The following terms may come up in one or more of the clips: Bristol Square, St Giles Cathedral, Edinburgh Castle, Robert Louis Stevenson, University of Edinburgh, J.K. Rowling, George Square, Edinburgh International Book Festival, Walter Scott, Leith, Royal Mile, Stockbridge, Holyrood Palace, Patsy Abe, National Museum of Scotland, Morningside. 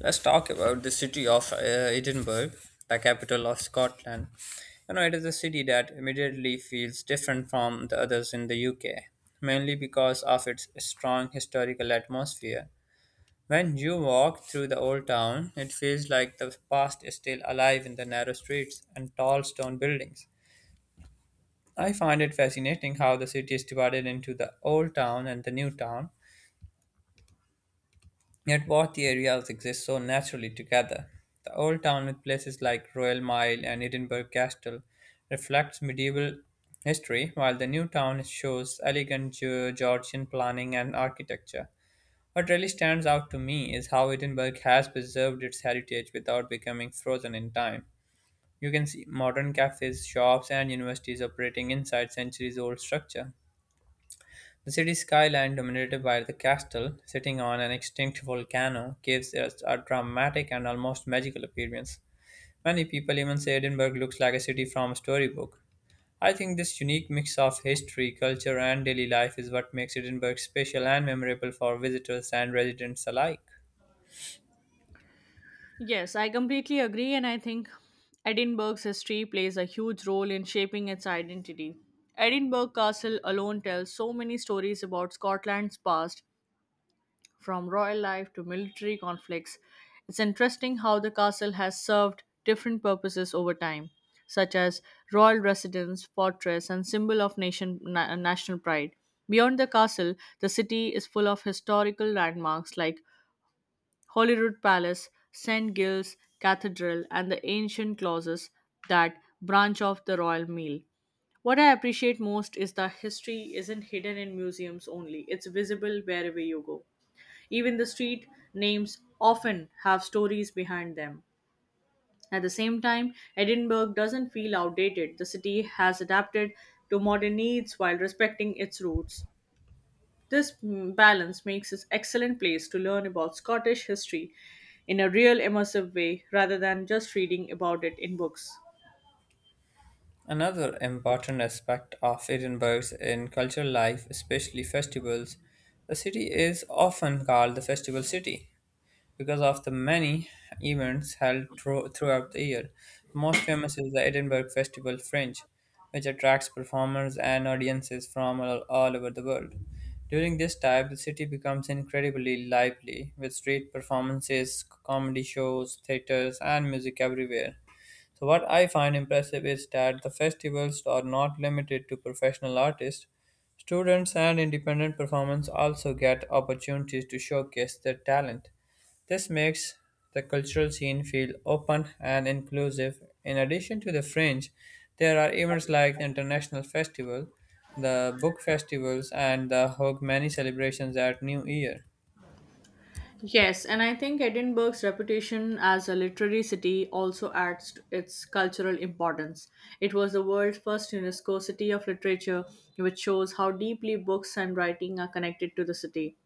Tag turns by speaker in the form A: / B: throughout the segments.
A: Let's talk about the city of Edinburgh, the capital of Scotland. You know, it is a city that immediately feels different from the others in the UK, mainly because of its strong historical atmosphere. When you walk through the old town, it feels like the past is still alive in the narrow streets and tall stone buildings. I find it fascinating how the city is divided into the old town and the new town, yet both the areas exist so naturally together. The old town with places like Royal Mile and Edinburgh Castle reflects medieval history, while the new town shows elegant Georgian planning and architecture. What really stands out to me is how Edinburgh has preserved its heritage without becoming frozen in time. You can see modern cafes, shops, and universities operating inside centuries old structure. The city's skyline, dominated by the castle sitting on an extinct volcano, gives it a dramatic and almost magical appearance. Many people even say Edinburgh looks like a city from a storybook. I think this unique mix of history, culture, and daily life is what makes Edinburgh special and memorable for visitors and residents alike.
B: Yes, I completely agree, and I think Edinburgh's history plays a huge role in shaping its identity. Edinburgh Castle alone tells so many stories about Scotland's past, from royal life to military conflicts. It's interesting how the castle has served different purposes over time, such as royal residence, fortress, and symbol of national pride. Beyond the castle, the city is full of historical landmarks like Holyrood Palace, St Giles Cathedral, and the ancient clauses that branch off the royal meal. What I appreciate most is that history isn't hidden in museums only, it's visible wherever you go. Even the street names often have stories behind them. At the same time, Edinburgh doesn't feel outdated. The city has adapted to modern needs while respecting its roots. This balance makes it excellent place to learn about Scottish history in a real immersive way rather than just reading about it in books.
A: Another important aspect of Edinburgh's in cultural life, especially festivals, the city is often called the festival city, because of the many events held throughout the year. The most famous is the Edinburgh Festival Fringe, which attracts performers and audiences from all over the world. During this time, the city becomes incredibly lively with street performances, comedy shows, theaters, and music everywhere. So, what I find impressive is that the festivals are not limited to professional artists. Students and independent performers also get opportunities to showcase their talent. This makes the cultural scene feel open and inclusive. In addition to the fringe, there are events like the International Festival, the Book Festivals, and the Hogmanay celebrations at New Year.
B: Yes, and I think Edinburgh's reputation as a literary city also adds to its cultural importance. It was the world's first UNESCO City of Literature, which shows how deeply books and writing are connected to the city.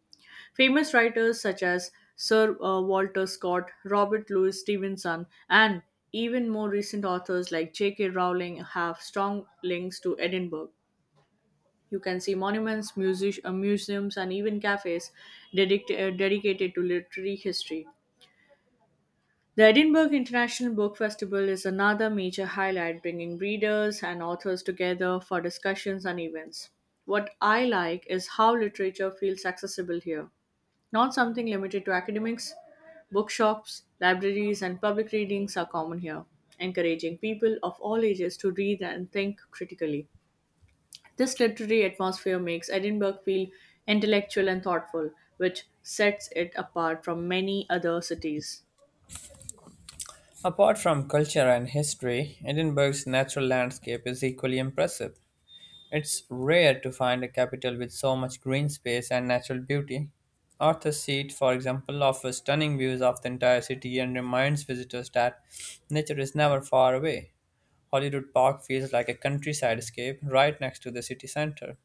B: Famous writers such as Sir Walter Scott, Robert Louis Stevenson, and even more recent authors like J.K. Rowling have strong links to Edinburgh. You can see monuments, music, museums, and even cafes dedicated to literary history. The Edinburgh International Book Festival is another major highlight, bringing readers and authors together for discussions and events. What I like is how literature feels accessible here, not something limited to academics. Bookshops, libraries, and public readings are common here, encouraging people of all ages to read and think critically. This literary atmosphere makes Edinburgh feel intellectual and thoughtful, which sets it apart from many other cities.
A: Apart from culture and history, Edinburgh's natural landscape is equally impressive. It's rare to find a capital with so much green space and natural beauty. Arthur's Seat, for example, offers stunning views of the entire city and reminds visitors that nature is never far away. Hollywood Park feels like a countryside escape right next to the city center.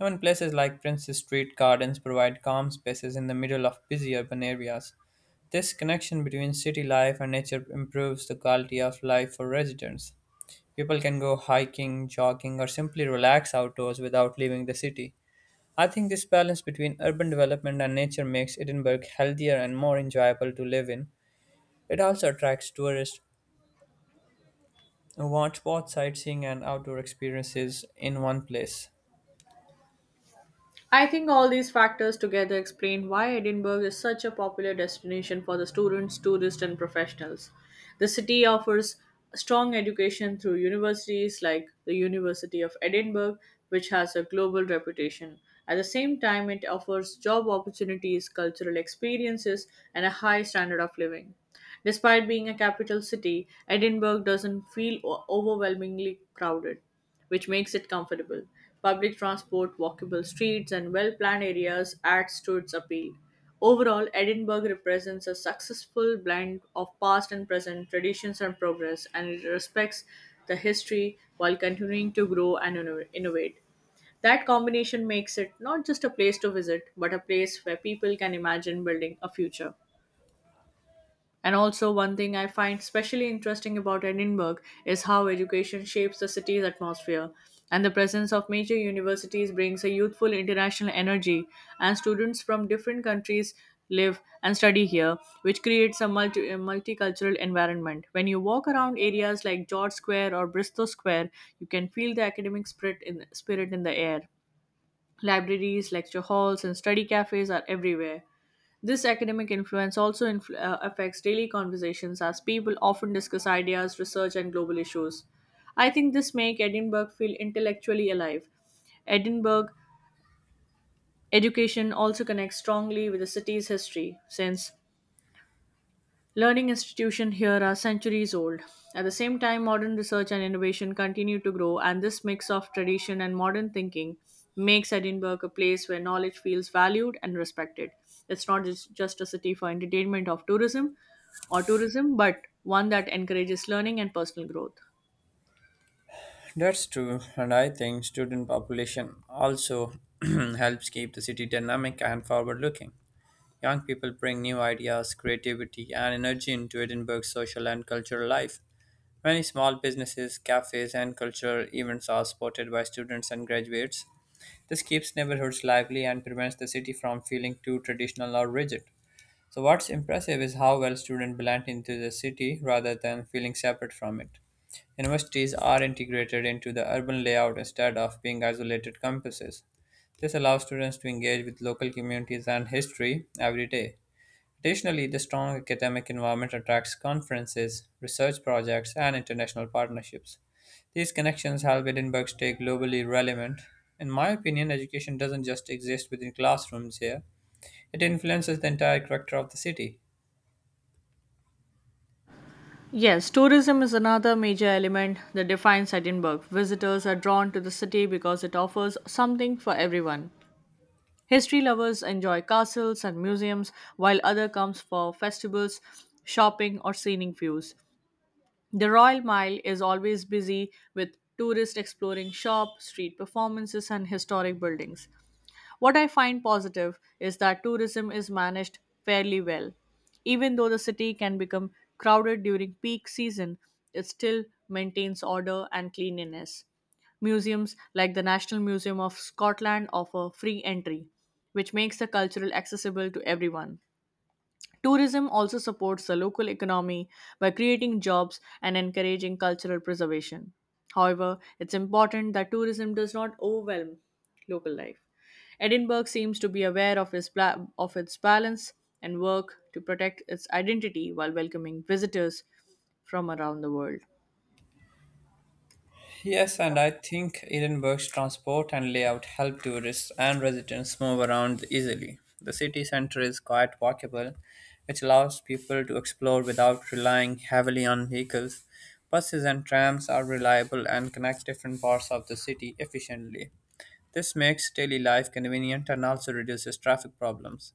A: Even places like Prince's Street Gardens provide calm spaces in the middle of busy urban areas. This connection between city life and nature improves the quality of life for residents. People can go hiking, jogging, or simply relax outdoors without leaving the city. I think this balance between urban development and nature makes Edinburgh healthier and more enjoyable to live in. It also attracts tourists who want both sightseeing and outdoor experiences in one place.
B: I think all these factors together explain why Edinburgh is such a popular destination for the students, tourists, and professionals. The city offers strong education through universities like the University of Edinburgh, which has a global reputation. At the same time, it offers job opportunities, cultural experiences, and a high standard of living. Despite being a capital city, Edinburgh doesn't feel overwhelmingly crowded, which makes it comfortable. Public transport, walkable streets, and well planned areas adds to its appeal. Overall, Edinburgh represents a successful blend of past and present, traditions and progress, and it respects the history while continuing to grow and innovate. That combination makes it not just a place to visit, but a place where people can imagine building a future. And also, one thing I find especially interesting about Edinburgh is how education shapes the city's atmosphere. And the presence of major universities brings a youthful international energy, and students from different countries live and study here, which creates a multicultural environment. When you walk around areas like George Square or Bristol Square, you can feel the spirit in the air. Libraries, lecture halls, and study cafes are everywhere. This academic influence also affects daily conversations as people often discuss ideas, research, and global issues. I think this makes Edinburgh feel intellectually alive. Edinburgh education also connects strongly with the city's history, since learning institutions here are centuries old. At the same time, modern research and innovation continue to grow, and this mix of tradition and modern thinking makes Edinburgh a place where knowledge feels valued and respected. It's not just a city for entertainment of tourism or tourism, but one that encourages learning and personal growth.
A: That's true, and I think student population also helps keep the city dynamic and forward looking. Young people bring new ideas, creativity, and energy into Edinburgh's social and cultural life. Many small businesses, cafes, and cultural events are supported by students and graduates. This keeps neighborhoods lively and prevents the city from feeling too traditional or rigid. So, what's impressive is how well students blend into the city rather than feeling separate from it. Universities are integrated into the urban layout instead of being isolated campuses. This allows students to engage with local communities and history every day. Additionally, the strong academic environment attracts conferences, research projects, and international partnerships. These connections help Edinburgh stay globally relevant. In my opinion, education doesn't just exist within classrooms here, it influences the entire character of the city.
B: Yes, tourism is another major element that defines Edinburgh. Visitors are drawn to the city because it offers something for everyone. History lovers enjoy castles and museums, while other comes for festivals, shopping, or scenic views. The Royal Mile is always busy with tourists exploring shop, street performances, and historic buildings. What I find positive is that tourism is managed fairly well. Even though the city can become crowded during peak season, it still maintains order and cleanliness. Museums like the National Museum of Scotland offer free entry, which makes the cultural accessible to everyone. Tourism also supports the local economy by creating jobs and encouraging cultural preservation. However, it's important that tourism does not overwhelm local life. Edinburgh seems to be aware of of its balance and work to protect its identity while welcoming visitors from around the world.
A: Yes, and I think Edinburgh's transport and layout help tourists and residents move around easily. The city centre is quite walkable, which allows people to explore without relying heavily on vehicles. Buses and trams are reliable and connect different parts of the city efficiently. This makes daily life convenient and also reduces traffic problems.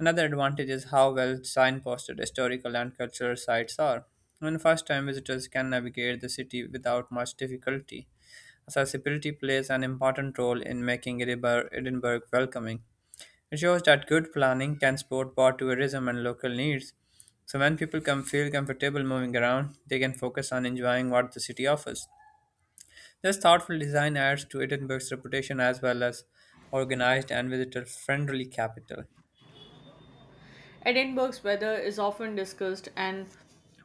A: Another advantage is how well signposted historical and cultural sites are. And first time visitors can navigate the city without much difficulty. Accessibility plays an important role in making Edinburgh welcoming. It shows that good planning can support both tourism and local needs. So when people can feel comfortable moving around, they can focus on enjoying what the city offers. This thoughtful design adds to Edinburgh's reputation as well as organized and visitor-friendly capital.
B: Edinburgh's weather is often discussed, and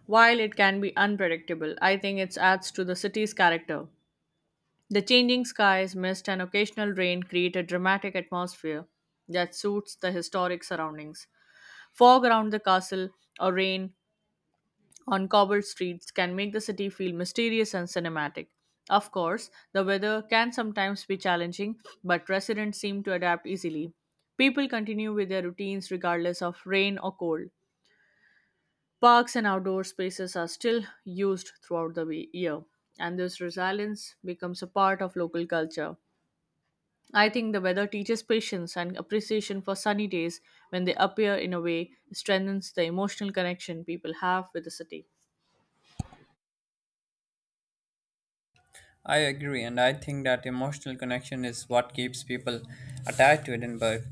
B: while it can be unpredictable, I think it adds to the city's character. The changing skies, mist, and occasional rain create a dramatic atmosphere that suits the historic surroundings. Fog around the castle or rain on cobbled streets can make the city feel mysterious and cinematic. Of course, the weather can sometimes be challenging, but residents seem to adapt easily. People continue with their routines regardless of rain or cold. Parks and outdoor spaces are still used throughout the year, and this resilience becomes a part of local culture. I think the weather teaches patience and appreciation for sunny days when they appear in a way strengthens the emotional connection people have with the city.
A: I agree, and I think that emotional connection is what keeps people attached to Edinburgh.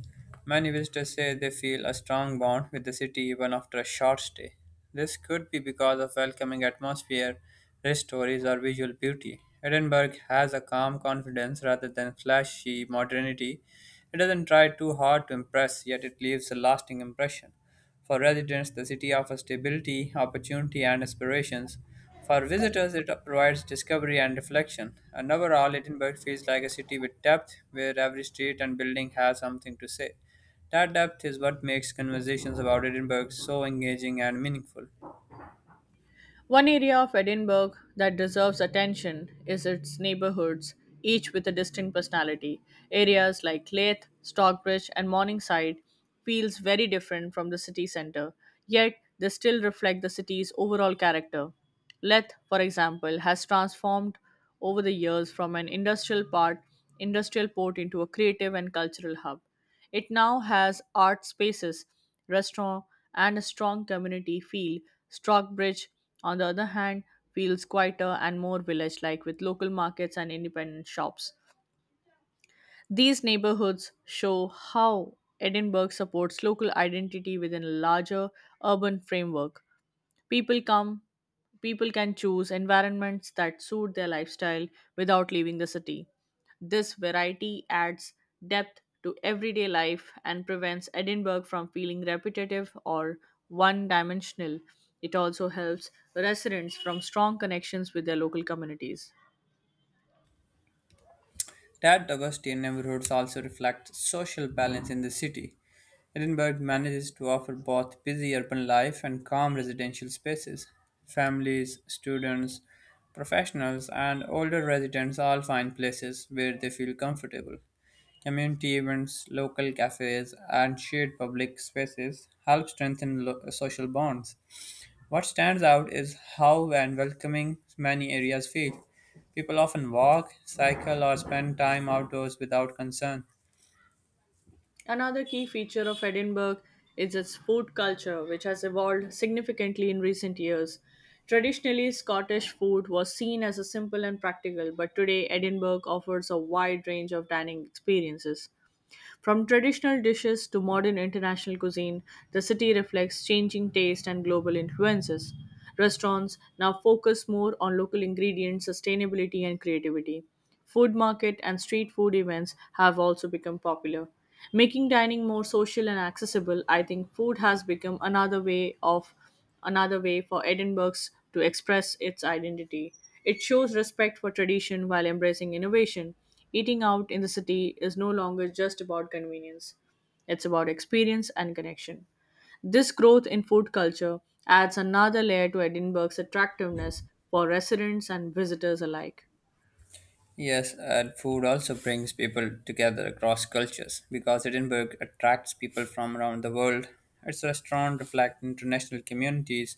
A: Many visitors say they feel a strong bond with the city even after a short stay. This could be because of welcoming atmosphere, rich stories, or visual beauty. Edinburgh has a calm confidence rather than flashy modernity. It doesn't try too hard to impress, yet it leaves a lasting impression. For residents, the city offers stability, opportunity, and aspirations. For visitors, it provides discovery and reflection. And overall, Edinburgh feels like a city with depth, where every street and building has something to say. That depth is what makes conversations about Edinburgh so engaging and meaningful.
B: One area of Edinburgh that deserves attention is its neighbourhoods, each with a distinct personality. Areas like Leith, Stockbridge, and Morningside feels very different from the city centre, yet they still reflect the city's overall character. Leith, for example, has transformed over the years from an industrial port into a creative and cultural hub. It now has art spaces, restaurant, and a strong community feel. Stockbridge, on the other hand, feels quieter and more village like with local markets and independent shops. These neighborhoods show how Edinburgh supports local identity within a larger urban framework. People come, People can choose environments that suit their lifestyle without leaving the city. This variety adds depth to everyday life and prevents Edinburgh from feeling repetitive or one dimensional. It also helps residents from strong connections with their local communities.
A: Tad Augustine neighborhoods also reflect social balance in the city. Edinburgh manages to offer both busy urban life and calm residential spaces. Families, students, professionals, and older residents all find places where they feel comfortable. Community events, local cafes, and shared public spaces help strengthen social bonds. What stands out is how and welcoming many areas feel. People often walk, cycle, or spend time outdoors without concern.
B: Another key feature of Edinburgh is its food culture, which has evolved significantly in recent years. Traditionally, Scottish food was seen as a simple and practical, but today Edinburgh offers a wide range of dining experiences. From traditional dishes to modern international cuisine, the city reflects changing taste and global influences. Restaurants now focus more on local ingredients, sustainability, and creativity. Food market and street food events have also become popular. Making dining more social and accessible, I think food has become another way for Edinburgh's to express its identity. It shows respect for tradition while embracing innovation. Eating out in the city is no longer just about convenience, it's about experience and connection. This growth in food culture adds another layer to Edinburgh's attractiveness for residents and visitors alike.
A: Yes, and food also brings people together across cultures because Edinburgh attracts people from around the world. Its restaurants reflect international communities.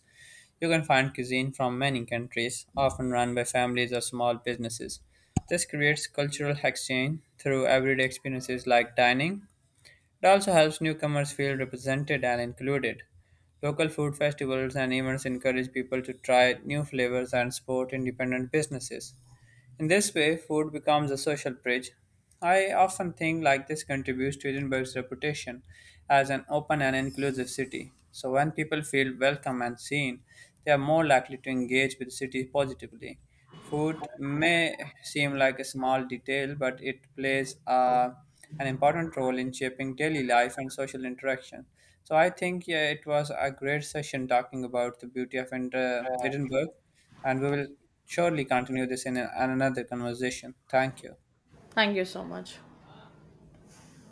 A: You can find cuisine from many countries, often run by families or small businesses. This creates cultural exchange through everyday experiences like dining. It also helps newcomers feel represented and included. Local food festivals and events encourage people to try new flavors and support independent businesses. In this way, food becomes a social bridge. I often think like this contributes to Edinburgh's reputation as an open and inclusive city. So when people feel welcome and seen, they are more likely to engage with the city positively. Food may seem like a small detail, but it plays an important role in shaping daily life and social interaction. So I think yeah, it was a great session talking about the beauty of Edinburgh, and we will surely continue this in another conversation. Thank you.
B: Thank you so much.